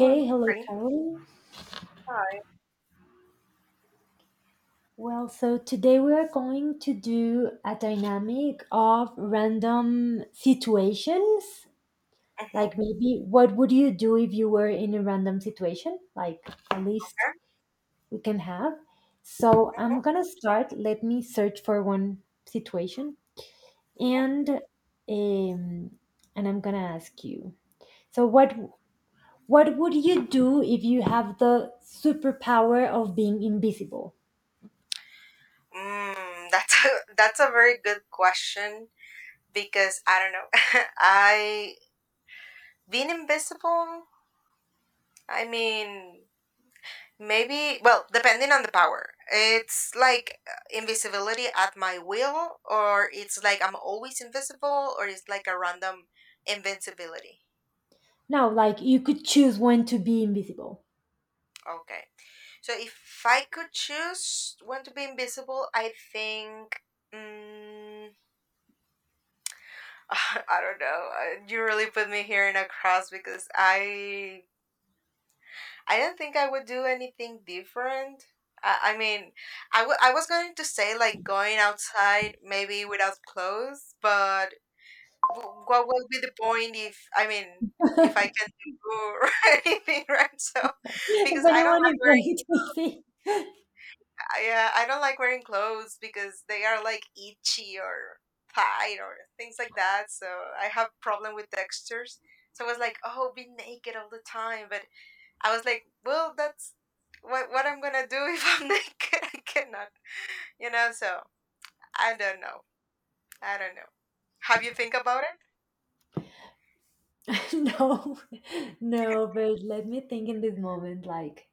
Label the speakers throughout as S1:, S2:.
S1: Mm,
S2: hello,
S1: pretty
S2: Carol.
S1: high.
S2: Well, so today we are going to do a dynamic of random situations.
S1: Mm-hmm.
S2: Like, maybe what would you do if you were in a random situation? Like, a list
S1: Okay.
S2: we can have. So, I'm
S1: Mm-hmm.
S2: gonna start. Let me search for one situation. And um, and I'm gonna ask you. So, what would you do if you have the superpower of being invisible?
S1: That's a, that's a very good question because I don't know. I Being invisible. I mean, maybe. Well, depending on the power, it's like invisibility at my will, or it's like I'm always invisible, or it's like a random invincibility.
S2: No, like you could choose when to be invisible.
S1: Okay, so if I could choose when to be invisible, I think. Mm, I don't know. You really put me here in a cross because I don't think I would do anything different. I mean, I was going to say like going outside maybe without clothes, but what would be the point if I mean if I can do anything, right? So
S2: If
S1: because I don't
S2: anyone is
S1: like
S2: going to see.
S1: I don't like wearing clothes because they are like itchy or tight or things like that. So I have problem with textures. So I was like, oh, be naked all the time. But I was like, well, that's what I'm gonna do if I'm naked. I cannot, So I don't know. I don't know. Have you think about it?
S2: No, no, but let me think in this moment. Like,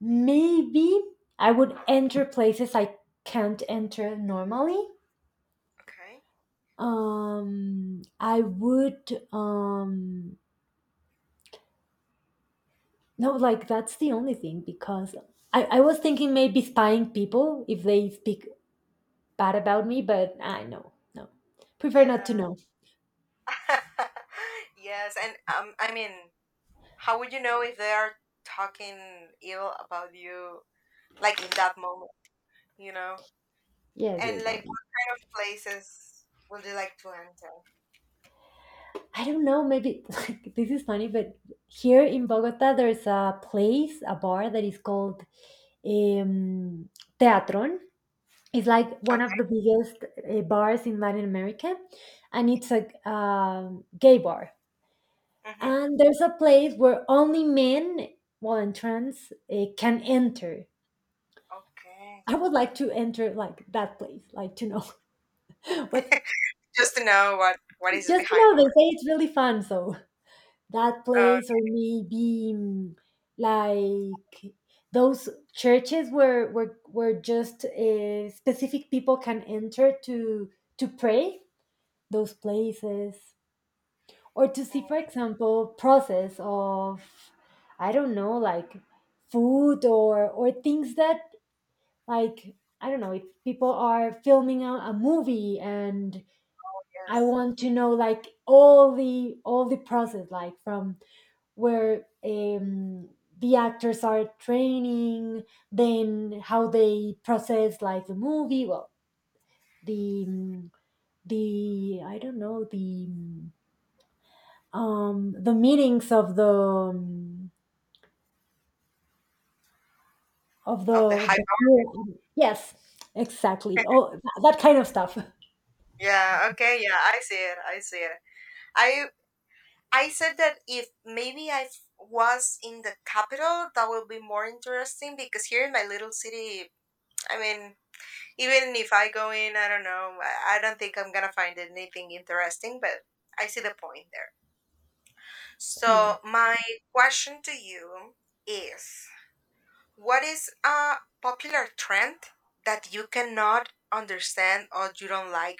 S2: maybe I would enter places I can't enter normally.
S1: Okay.
S2: I would. Um, no, like that's the only thing because I was thinking maybe spying people if they speak bad about me, but I no no prefer not to
S1: Yeah.
S2: know.
S1: Yes, and I mean, how would you know if they are talking ill about you, like in that moment? You know.
S2: Yes,
S1: And
S2: yes, no.
S1: like, what kind of places would you like to enter?
S2: I don't know, maybe like, this is funny, but here in Bogota, there's a place, a bar that is called um, Teatron. It's like one of the
S1: Okay.
S2: biggest bars in Latin America, and it's a gay bar.
S1: Hmm.
S2: And there's a place where only men, well, and trans, can enter.
S1: Okay.
S2: I would like to enter like that place, like to know what.
S1: Just to know what is
S2: Just to
S1: behind the
S2: know, they
S1: art.
S2: say it's really fun, so. That
S1: Uh,
S2: place, or maybe like those churches where just specific people can enter to pray, those places, or to
S1: mhm,
S2: see, for example, process of I don't know, like food or things that, like, I don't know, if people are filming a movie and I
S1: yes.
S2: want to know, like, all the process, like from where the actors are training, then how they process, like, the movie. Well, the mm, the I don't know, the meetings of the um, of the
S1: Of the
S2: of
S1: hype.
S2: the crew. Yes, exactly. Oh, that kind of stuff.
S1: Yeah. Okay. Yeah. I see it. I see it. I I said that if maybe I was in the capital, that would be more interesting because here in my little city, I mean, even if I go in, I don't know. I don't think I'm gonna find anything interesting, but I see the point there.
S2: Yeah.
S1: So, my question to you is what is a popular trend that you cannot understand or you don't like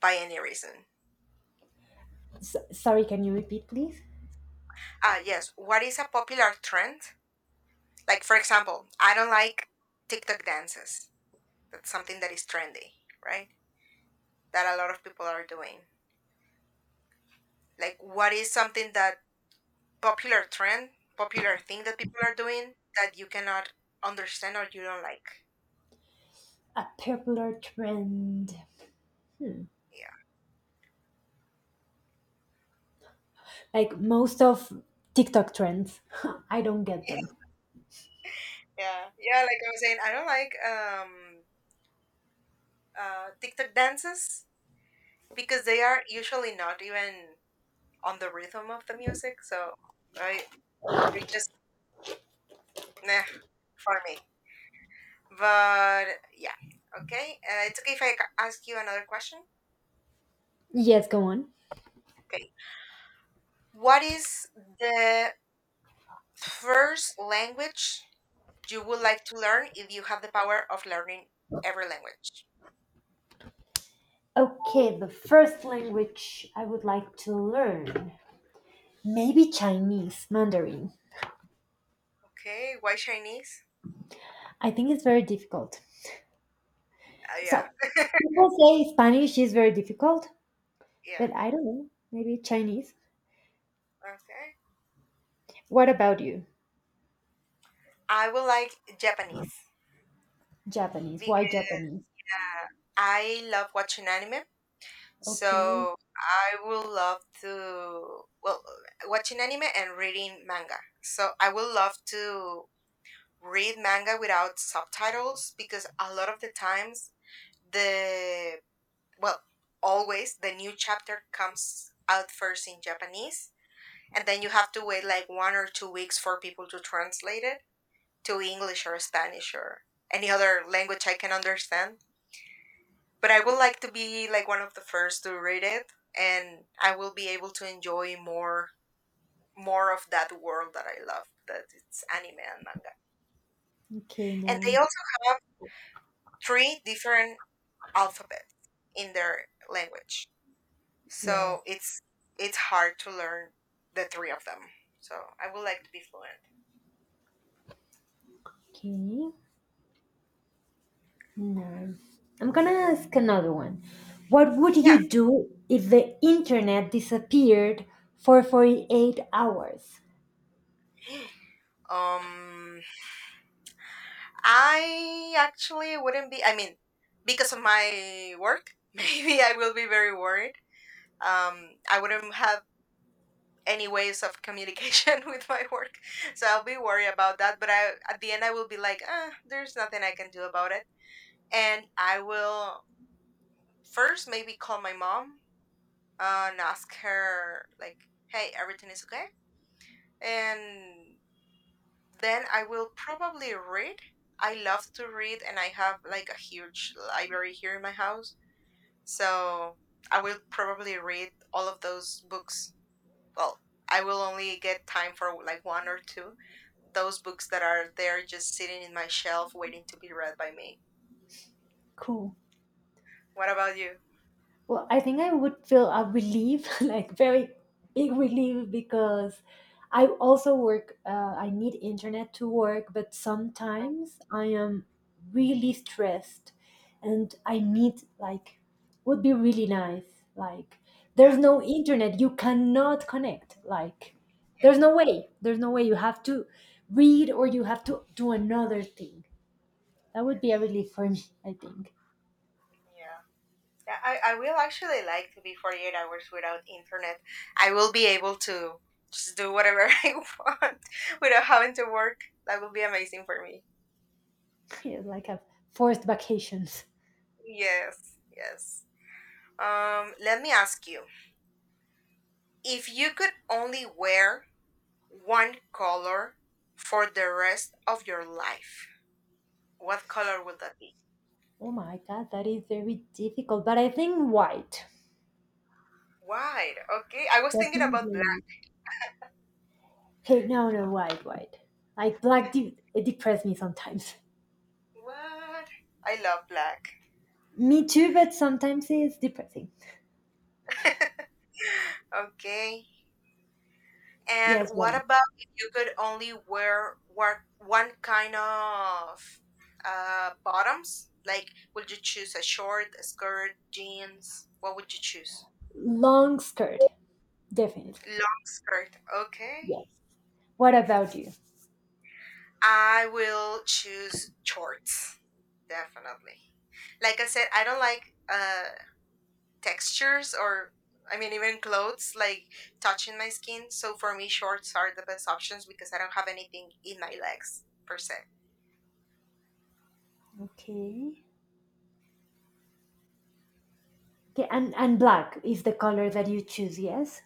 S1: by any reason?
S2: S sorry, can you repeat please?
S1: Yes, what is a popular trend? Like, for example, I don't like TikTok dances. That's something that is trendy, right? That a lot of people are doing. Like, what is something that popular trend, popular thing that people are doing that you cannot understand or you don't like?
S2: A popular trend, hmm.
S1: Yeah.
S2: Like, most of TikTok trends, I don't get them.
S1: Yeah, yeah. Like I was saying, I don't like TikTok dances because they are usually not even on the rhythm of the music. So I they just nah for me. But yeah, okay. It's okay if I ask you another question.
S2: Yes, go on.
S1: Okay, what is the first language you would like to learn if you have the power of learning every language?
S2: Okay, the first language I would like to learn. Maybe Chinese, Mandarin.
S1: Okay, why Chinese?
S2: I think it's very difficult.
S1: Yeah,
S2: So, people say Spanish is very difficult,
S1: yeah.
S2: but I don't know. Maybe Chinese.
S1: Okay.
S2: What about you?
S1: I would like Japanese.
S2: Japanese. Why Japanese?
S1: I love watching anime,
S2: Okay.
S1: so I will love to, watching anime and reading manga. So I will love to read manga without subtitles because a lot of the times the well always the new chapter comes out first in Japanese and then you have to wait like 1 or 2 weeks for people to translate it to English or Spanish or any other language I can understand. But I would like to be like one of the first to read it, and I will be able to enjoy more of that world that I love, that it's anime and manga.
S2: Okay,
S1: And they
S2: nice.
S1: also have three different alphabets in their language,
S2: Yeah.
S1: so it's hard to learn the three of them. So I would like to be fluent.
S2: Okay. Nice. I'm gonna ask another one. What would
S1: Yeah.
S2: you do if the internet disappeared for 48 hours?
S1: Um, I actually wouldn't be. I mean, because of my work, maybe I will be very worried. I wouldn't have any ways of communication with my work. So I'll be worried about that. But I, at the end, I will be like, ah, there's nothing I can do about it. And I will first maybe call my mom and ask her, like, hey, everything is okay. And then I will probably read. I love to read, and I have like a huge library here in my house. So I will probably read all of those books. Well, I will only get time for like one or two those books that are there just sitting in my shelf waiting to be read by me.
S2: Cool.
S1: What about you?
S2: Well, I think I would feel a relief, like very big relief, because I also work, I need internet to work, but
S1: Oh,
S2: sometimes I am really stressed and I need, like, would be really nice. Like,
S1: yeah,
S2: there's no internet, you cannot connect. Like, there's no way, there's no way. You have to read or you have to do another thing. That
S1: yeah,
S2: would be a
S1: yes.
S2: relief for me, I think.
S1: Yeah. Yeah, I will actually like to be 48 hours without internet. I will be able to just do whatever I want without having to work. That will be amazing for me.
S2: Yeah, like a forced vacations.
S1: Yes, yes. Let me ask you, if you could only wear one color for the rest of your life, what color would that be?
S2: Oh my God, that is very difficult. But I think white,
S1: White. Okay. I was thinking about black.
S2: definitely. Hey, no, no, white, white. Like black, it depresses me sometimes.
S1: What? I love black.
S2: Me too, but sometimes it's depressing.
S1: Okay. And
S2: Yes,
S1: what
S2: one
S1: about if you could only wear work one kind of bottoms? Like would you choose a short, a skirt, jeans? What would you choose?
S2: long skirt, definitely.
S1: Long skirt. Okay.
S2: Yes. What about you?
S1: I will choose shorts. Definitely. Like I said, I don't like uh textures or I mean even clothes like touching my skin. So for me shorts are the best options because I don't have anything in my legs per se.
S2: Okay. Okay, and black is the color that you choose. Yes.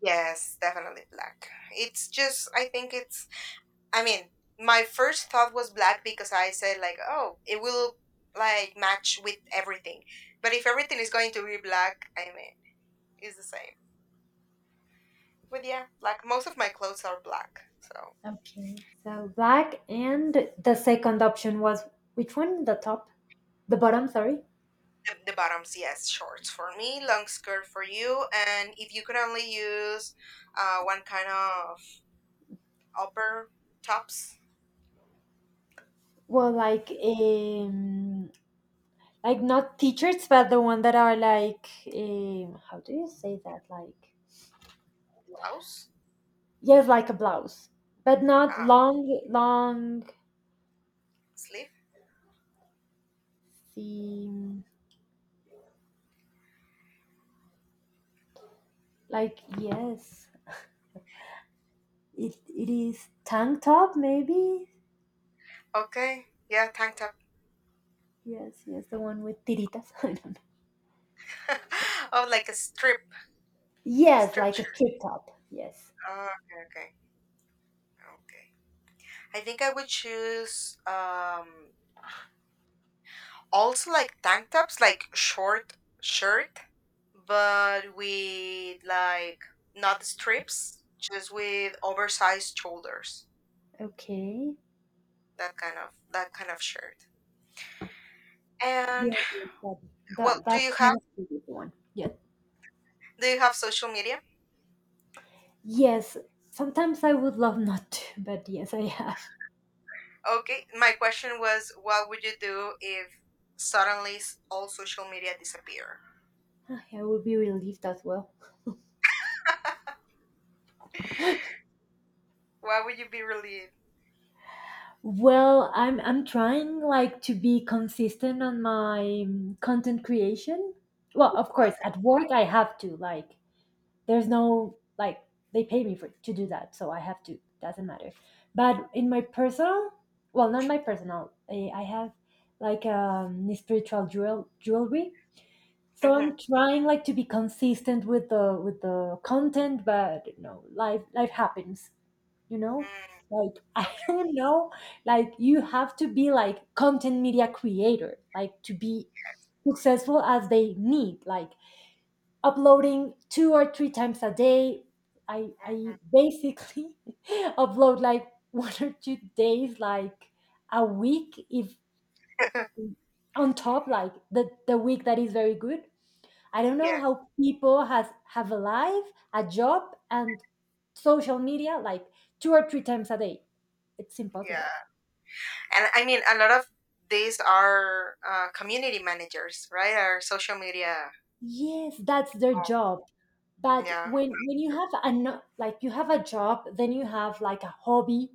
S1: Yes, definitely black. It's just I think it's I mean, my first thought was black because I said like, oh, it will like match with everything. But if everything is going to be black, I mean, it's the same. But yeah, like most of my clothes are black. So
S2: Okay. So black, and the second option was which one? The top, the bottom. Sorry.
S1: The bottoms, yes, shorts for me, long skirt for you, and if you could only use one kind of upper tops,
S2: Well, like, like, not t-shirts but the one that are like, how do you say that, like,
S1: blouse,
S2: yes, like a blouse, but not
S1: uh,
S2: long long
S1: sleeve.
S2: seam, like, yes, it is tank top maybe,
S1: Okay, yeah, tank top.
S2: yes, yes, the one with tiritas I don't know,
S1: Oh, like a
S2: yes,
S1: strip
S2: like a
S1: shirt.
S2: strip top, yes,
S1: Oh, okay, okay, okay. I think I would choose also like tank tops, like short shirt, but with like not strips, just with oversized shoulders.
S2: okay,
S1: That kind of shirt. And
S2: yes, yes, that,
S1: well,
S2: that that kind of pretty one, yes.
S1: do you have social media?
S2: Yes, sometimes I would love not to, but yes I have.
S1: Okay, my question was, what would you do if suddenly all social media disappear?
S2: I would be relieved as well.
S1: Why would you be relieved?
S2: Well, I'm trying, like, to be consistent on my content creation. Well, of course,
S1: Okay.
S2: at work I have to, like, there's no, like, they pay me for to do that, so I have to. Doesn't matter. But in my personal, well, not my personal. I have, like, spiritual jewelry. So
S1: Mm-hmm.
S2: I'm trying, like, to be consistent with the content, but, life happens, you know,
S1: Mm,
S2: like, I
S1: okay.
S2: don't know, like, you have to be like content media creator, like, to be successful as they need, like, uploading two or three times a day. I
S1: Hmm.
S2: basically upload like 1 or 2 days, like, a week if on top, like the week that is very good. I don't know
S1: Yeah.
S2: how people has have a life, a job, and social media like two or three times a day. It's impossible.
S1: Yeah. And I mean, a lot of these are community managers, right? Are social media.
S2: Yes, that's their
S1: Oh.
S2: job. But
S1: Yeah.
S2: when you have an like, you have a job, then you have like a hobby,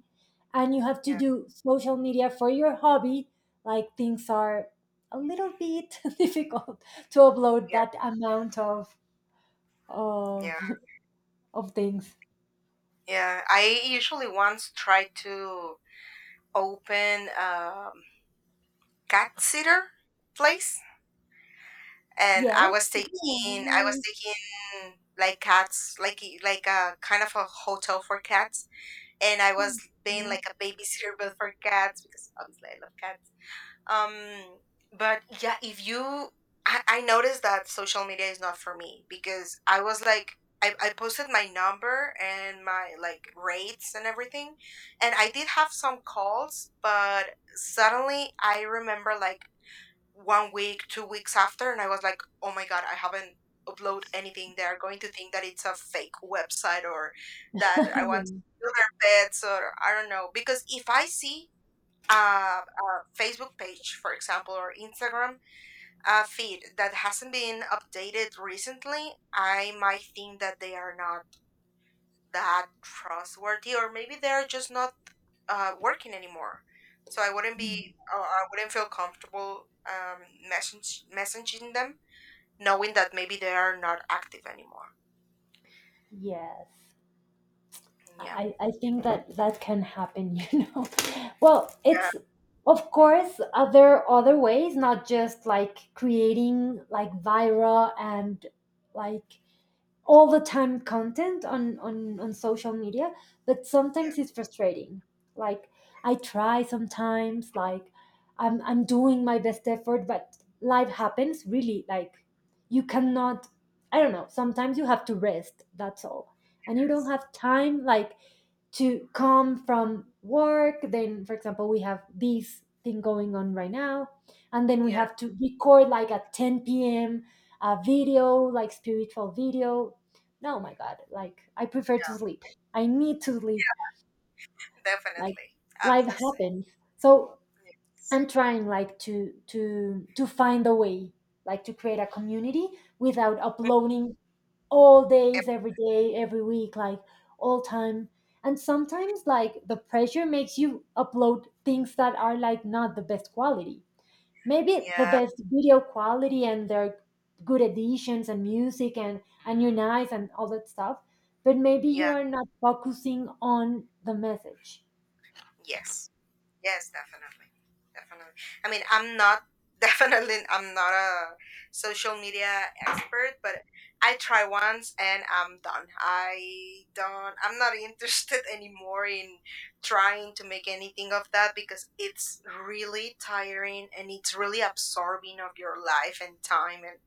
S2: and you have to
S1: Yeah.
S2: do social media for your hobby, like, things are a little bit difficult to upload
S1: Yeah.
S2: that amount of
S1: Yeah.
S2: of of things.
S1: Yeah. I usually once try to open. Cat sitter place, and
S2: Yes. Yeah,
S1: I was
S2: no.
S1: taking like cats like like a kind of a hotel for cats, and I was being
S2: No.
S1: like a babysitter but for cats because obviously I love cats. But yeah, if you I noticed that social media is not for me because I was like. I posted my number and my like rates and everything and I did have some calls but suddenly I remember like 1 week, 2 weeks after, and I was like, oh my god, I haven't upload anything. They are going to think that it's a fake website or that I want
S2: Yeah.
S1: to steal their pets or I don't know. Because if I see a Facebook page, for example, or Instagram feed that hasn't been updated recently, I might think that they are not that trustworthy, or maybe they're just not working anymore. So I wouldn't be, or I wouldn't feel comfortable messaging them, knowing that maybe they are not active anymore.
S2: Yes.
S1: Yeah.
S2: I think that that can happen, you know. Well,
S1: Yeah.
S2: it's, of course, other ways, not just, like, creating like viral and, like, all the time content on social media, but
S1: Yeah.
S2: sometimes it's frustrating, like, I try sometimes, like, I'm doing my best effort, but life happens really, like, you cannot, I don't know, sometimes you have to rest, that's all, and you don't have time, like, to come from work. Then, for example, we have this thing going on right now, and then we
S1: Yeah.
S2: have to record like at 10 p.m. a video, like, spiritual video. No, my God. Like, I prefer to sleep.
S1: Yeah.
S2: I need to sleep. Like,
S1: Definitely. I'm
S2: life
S1: the same.
S2: happens. So
S1: Yes.
S2: I'm trying, like, to find a way, like, to create a community without uploading all days,
S1: Em-
S2: every day, every week, like, all time. And sometimes, like, the pressure makes you upload things that are, like, not the best quality, maybe the
S1: Yeah.
S2: best video quality and their good editions and music and you're nice and all that stuff, but maybe you
S1: Yeah.
S2: are not focusing on the message.
S1: Yes. Yes, definitely. Definitely. I mean, I'm not definitely I'm not a social media expert, but I try once and I'm done. I'm not interested anymore in trying to make anything of that because it's really tiring and it's really absorbing of your life and time and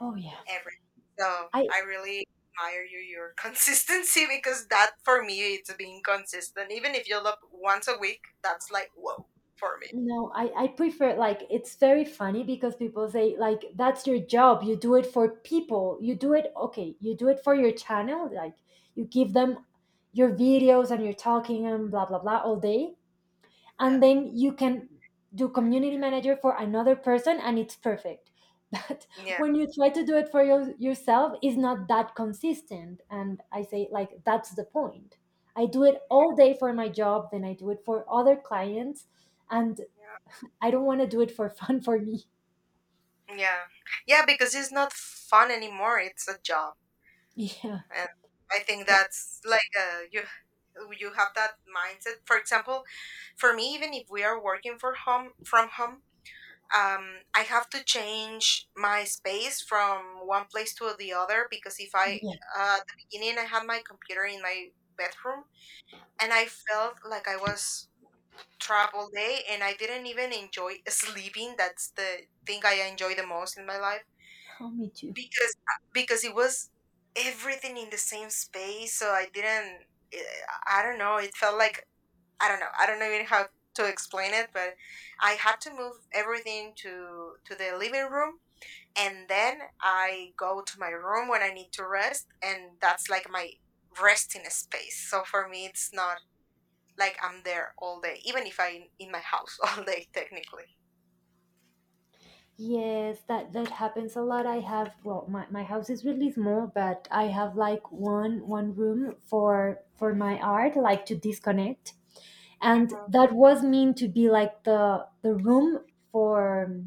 S2: Oh yeah.
S1: everything. So
S2: I
S1: I really admire you your consistency because that for me it's being consistent. Even if you look once a week, that's like whoa for me.
S2: no, I prefer, like, it's very funny because people say, like, that's your job, you do it for people, you do it, okay, you do it for your channel, like, you give them your videos and you're talking and blah blah blah all day,
S1: Yeah.
S2: and then you can do community manager for another person and it's perfect, but
S1: Yeah.
S2: when you try to do it for yourself, it's not that consistent. And I say, like, that's the point. I do it all day for my job, then I do it for other clients, and
S1: Yeah.
S2: I don't want to do it for fun for me.
S1: Yeah. Yeah, because it's not fun anymore. It's a job.
S2: Yeah.
S1: And I think
S2: Yeah,
S1: that's like you have that mindset. For example, for me even if we are working for home, I have to change my space from one place to the other because if I
S2: yeah.
S1: at the beginning I had my computer in my bedroom and I felt like I was trapped all day and I didn't even enjoy sleeping. That's the thing I enjoy the most in my life
S2: Oh, me too.
S1: because it was everything in the same space. So I didn't. I don't know. It felt like I don't know. I don't know even how to explain it, but I had to move everything to the living room and then I go to my room when I need to rest, and that's like my resting space. So for me, it's not like I'm there all day, even if I'm in my house all day, technically.
S2: Yes, that happens a lot. I have, well, my house is really small, but I have like one room for my art, like to disconnect. And
S1: Hmm.
S2: that was meant to be like the room for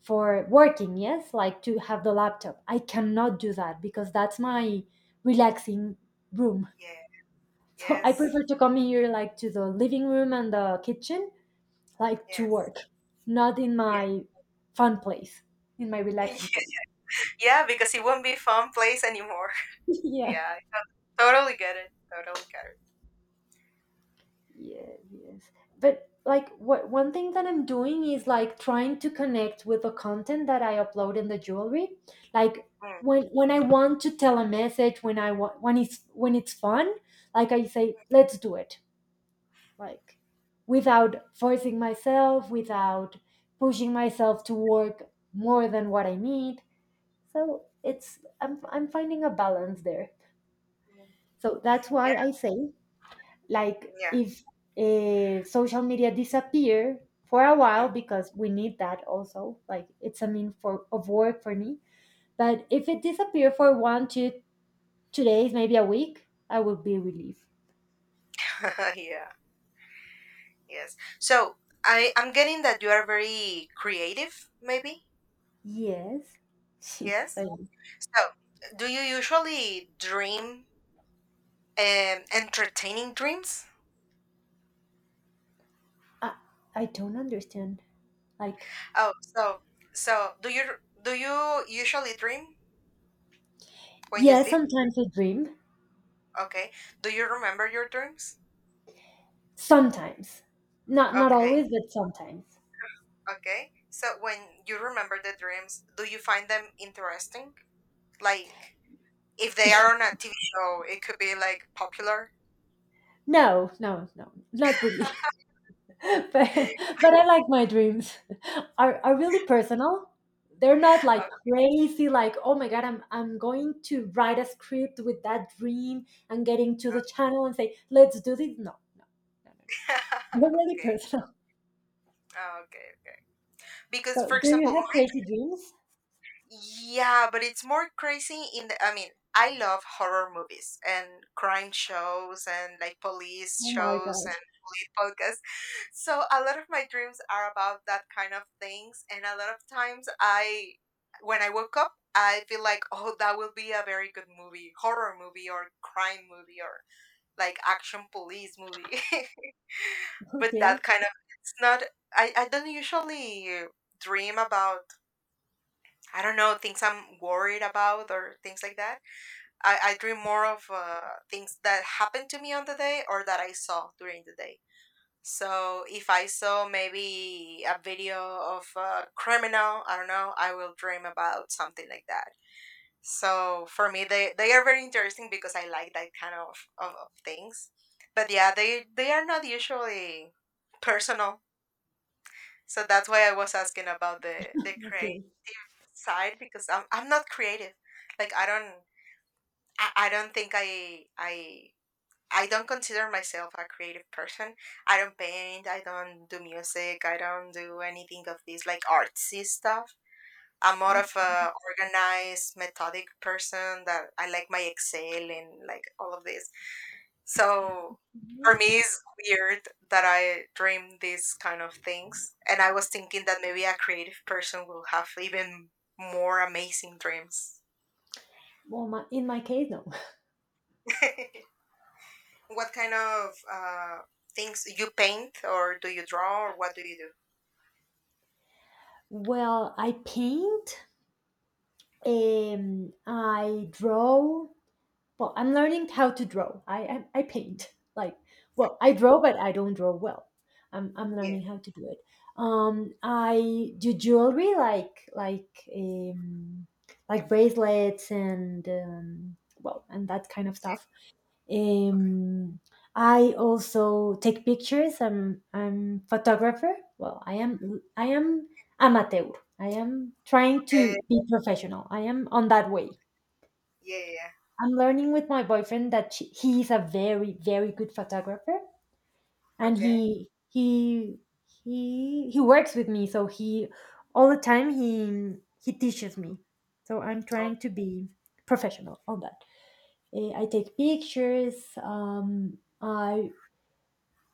S2: for working, yes, like to have the laptop. I cannot do that because that's my relaxing room.
S1: Yeah.
S2: So I
S1: Yes.
S2: prefer to come here, like, to the living room and the kitchen, like, to
S1: Yes.
S2: work, not in
S1: Yeah.
S2: my fun place, in my relaxing place.
S1: Yeah, because it won't be a fun place anymore.
S2: Yeah.
S1: Yeah, I totally get it. Totally get it.
S2: Yes, yes, but, like, what one thing that I'm doing is, like, trying to connect with the content that I upload in the jewelry, like,
S1: Mm.
S2: when I want to tell a message, when I want, when it's fun, like, I say let's do it, like, without forcing myself, without pushing myself to work more than what I need, so it's I'm finding a balance there.
S1: Mm.
S2: So that's
S1: Yeah.
S2: why I say, like,
S1: Yeah.
S2: if social media disappear for a while, because we need that also, like, it's a mean for of work for me. But if it disappear for one two two days, maybe a week, I would be relieved.
S1: Mm. yeah. Yes. So I'm getting that you are very creative, maybe.
S2: Yes.
S1: Yes.
S2: Like,
S1: So, do you usually dream entertaining dreams?
S2: I, I don't understand, like,
S1: Oh, so do you usually dream when you
S2: yeah,
S1: sleep?
S2: sometimes I dream.
S1: Okay. Do you remember your dreams?
S2: Sometimes, not
S1: Okay.
S2: always, but sometimes.
S1: Okay. So when you remember the dreams, do you find them interesting? Like if they are on a TV show, it could be like popular.
S2: No, no, no, not really. but, but I like my dreams. Are really personal. They're not like
S1: okay.
S2: crazy, like, oh my God, I'm going to write a script with that dream and get into the channel and say, let's do this. No, no, no, no. No. They're really
S1: okay.
S2: personal.
S1: Oh, okay. Okay. Because
S2: So,
S1: for
S2: do you
S1: example,
S2: have crazy dreams?
S1: yeah, but it's more crazy in I mean, I love horror movies and crime shows and like police
S2: Oh my
S1: shows
S2: God.
S1: and police podcasts. So a lot of my dreams are about that kind of things. And a lot of times, when I woke up, I feel like, oh, that will be a very good movie, horror movie or crime movie or like action police movie. but
S2: Okay.
S1: that kind of, it's not, I don't usually dream about I don't know, things I'm worried about or things like that. I dream more of things that happened to me on the day or that I saw during the day. So if I saw maybe a video of a criminal, I don't know, I will dream about something like that. So for me, they are very interesting because I like that kind of things. But yeah, they are not usually personal. So that's why I was asking about the
S2: Okay.
S1: side because I'm not creative. Like I don't I don't think I don't consider myself a creative person. I don't paint, I don't do music, I don't do anything of this like artsy stuff. I'm more of a organized, methodic person that I like my Excel and like all of this. So for
S2: Okay.
S1: me it's weird that I dream these kind of things. And I was thinking that maybe a creative person will have even more amazing dreams.
S2: Well, in my case, no.
S1: what kind of things you paint or do you draw or what do you do?
S2: Well, I paint, I draw. Well, I'm learning how to draw. I paint. Like, well, I draw, but I don't draw well. I'm
S1: Yeah.
S2: learning how to do it. I do jewelry, like bracelets and well, and that kind of stuff.
S1: Okay.
S2: Um, I also take pictures. I'm photographer. Well, I am amateur. I am trying to
S1: Eh,
S2: be professional. I am on that way.
S1: yeah. Yeah. yeah.
S2: I'm learning with my boyfriend that he's a very very good photographer, and
S1: Okay.
S2: he works with me, so he, all the time, he teaches me. So I'm
S1: Oh.
S2: trying to be professional on that. I take pictures, I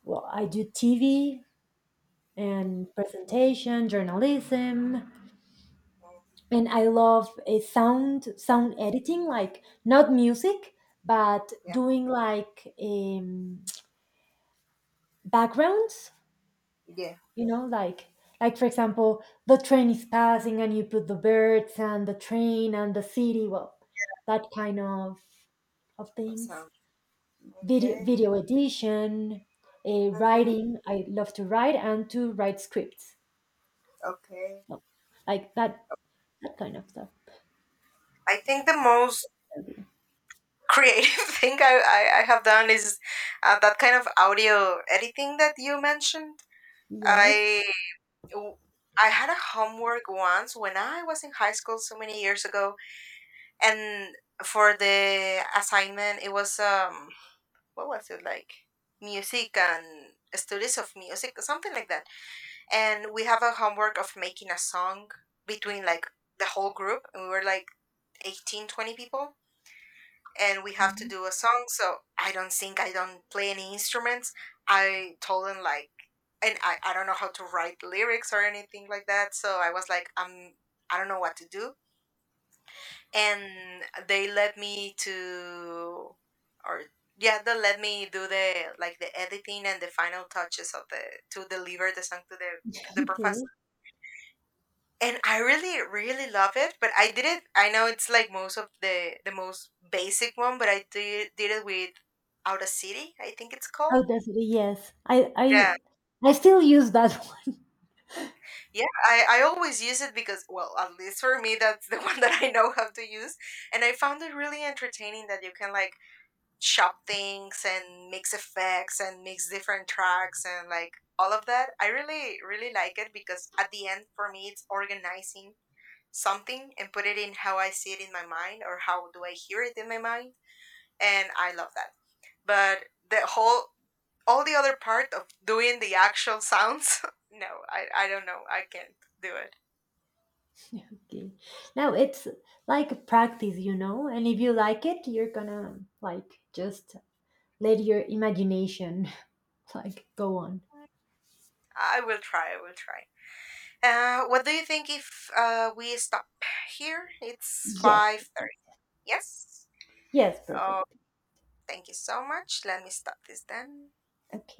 S2: well, I do TV
S1: mhm.
S2: and presentation, journalism,
S1: Oh,
S2: and I love a sound editing, like, not music, but
S1: yeah.
S2: doing, like, backgrounds,
S1: Yeah.
S2: you know like like for example, the train is passing and you put the birds and the train and the city, well, that kind of things.
S1: Awesome.
S2: video
S1: Okay.
S2: video edition.
S1: hmm
S2: Writing, I love to write and to write scripts.
S1: okay.
S2: Well, like that kind of stuff.
S1: I think the most creative thing I have done is that kind of audio editing that you mentioned.
S2: Yes.
S1: I w- I had a homework once when I was in high school so many years ago and for the assignment it was what was it like music and studies of music something like that and we have a homework of making a song between like the whole group and we were like 18, 20 people and we have to
S2: Mhm.
S1: do a song so I don't sing I don't play any instruments I told them like and I don't know how to write lyrics or anything like that so I was like I don't know what to do and they let me to or yeah they let me do the like the editing and the final touches of the to deliver the song to the professor
S2: Okay.
S1: and I really really love it but I did it I know it's like most of the most basic one but I did it with out of city I think it's called
S2: How does it? Yes, i i
S1: yeah
S2: i still use that.
S1: yeah I always use it because well at least for me that's the one that I know how to use and I found it really entertaining that you can like shop things and mix effects and mix different tracks and like all of that. I really, really like it because at the end, for me, it's organizing something and put it in how I see it in my mind or how do I hear it in my mind. And I love that. But all the other part of doing the actual sounds, no, I don't know. I can't do it.
S2: Okay. Now it's like a practice, and if you like it, you're gonna, like, just let your imagination like go on.
S1: I will try. I will try. What do you think if we stop here? It's
S2: Yes.
S1: 5:30. Yes.
S2: Yes,
S1: Oh,
S2: perfect.
S1: thank you so much. Let me stop this then.
S2: Okay.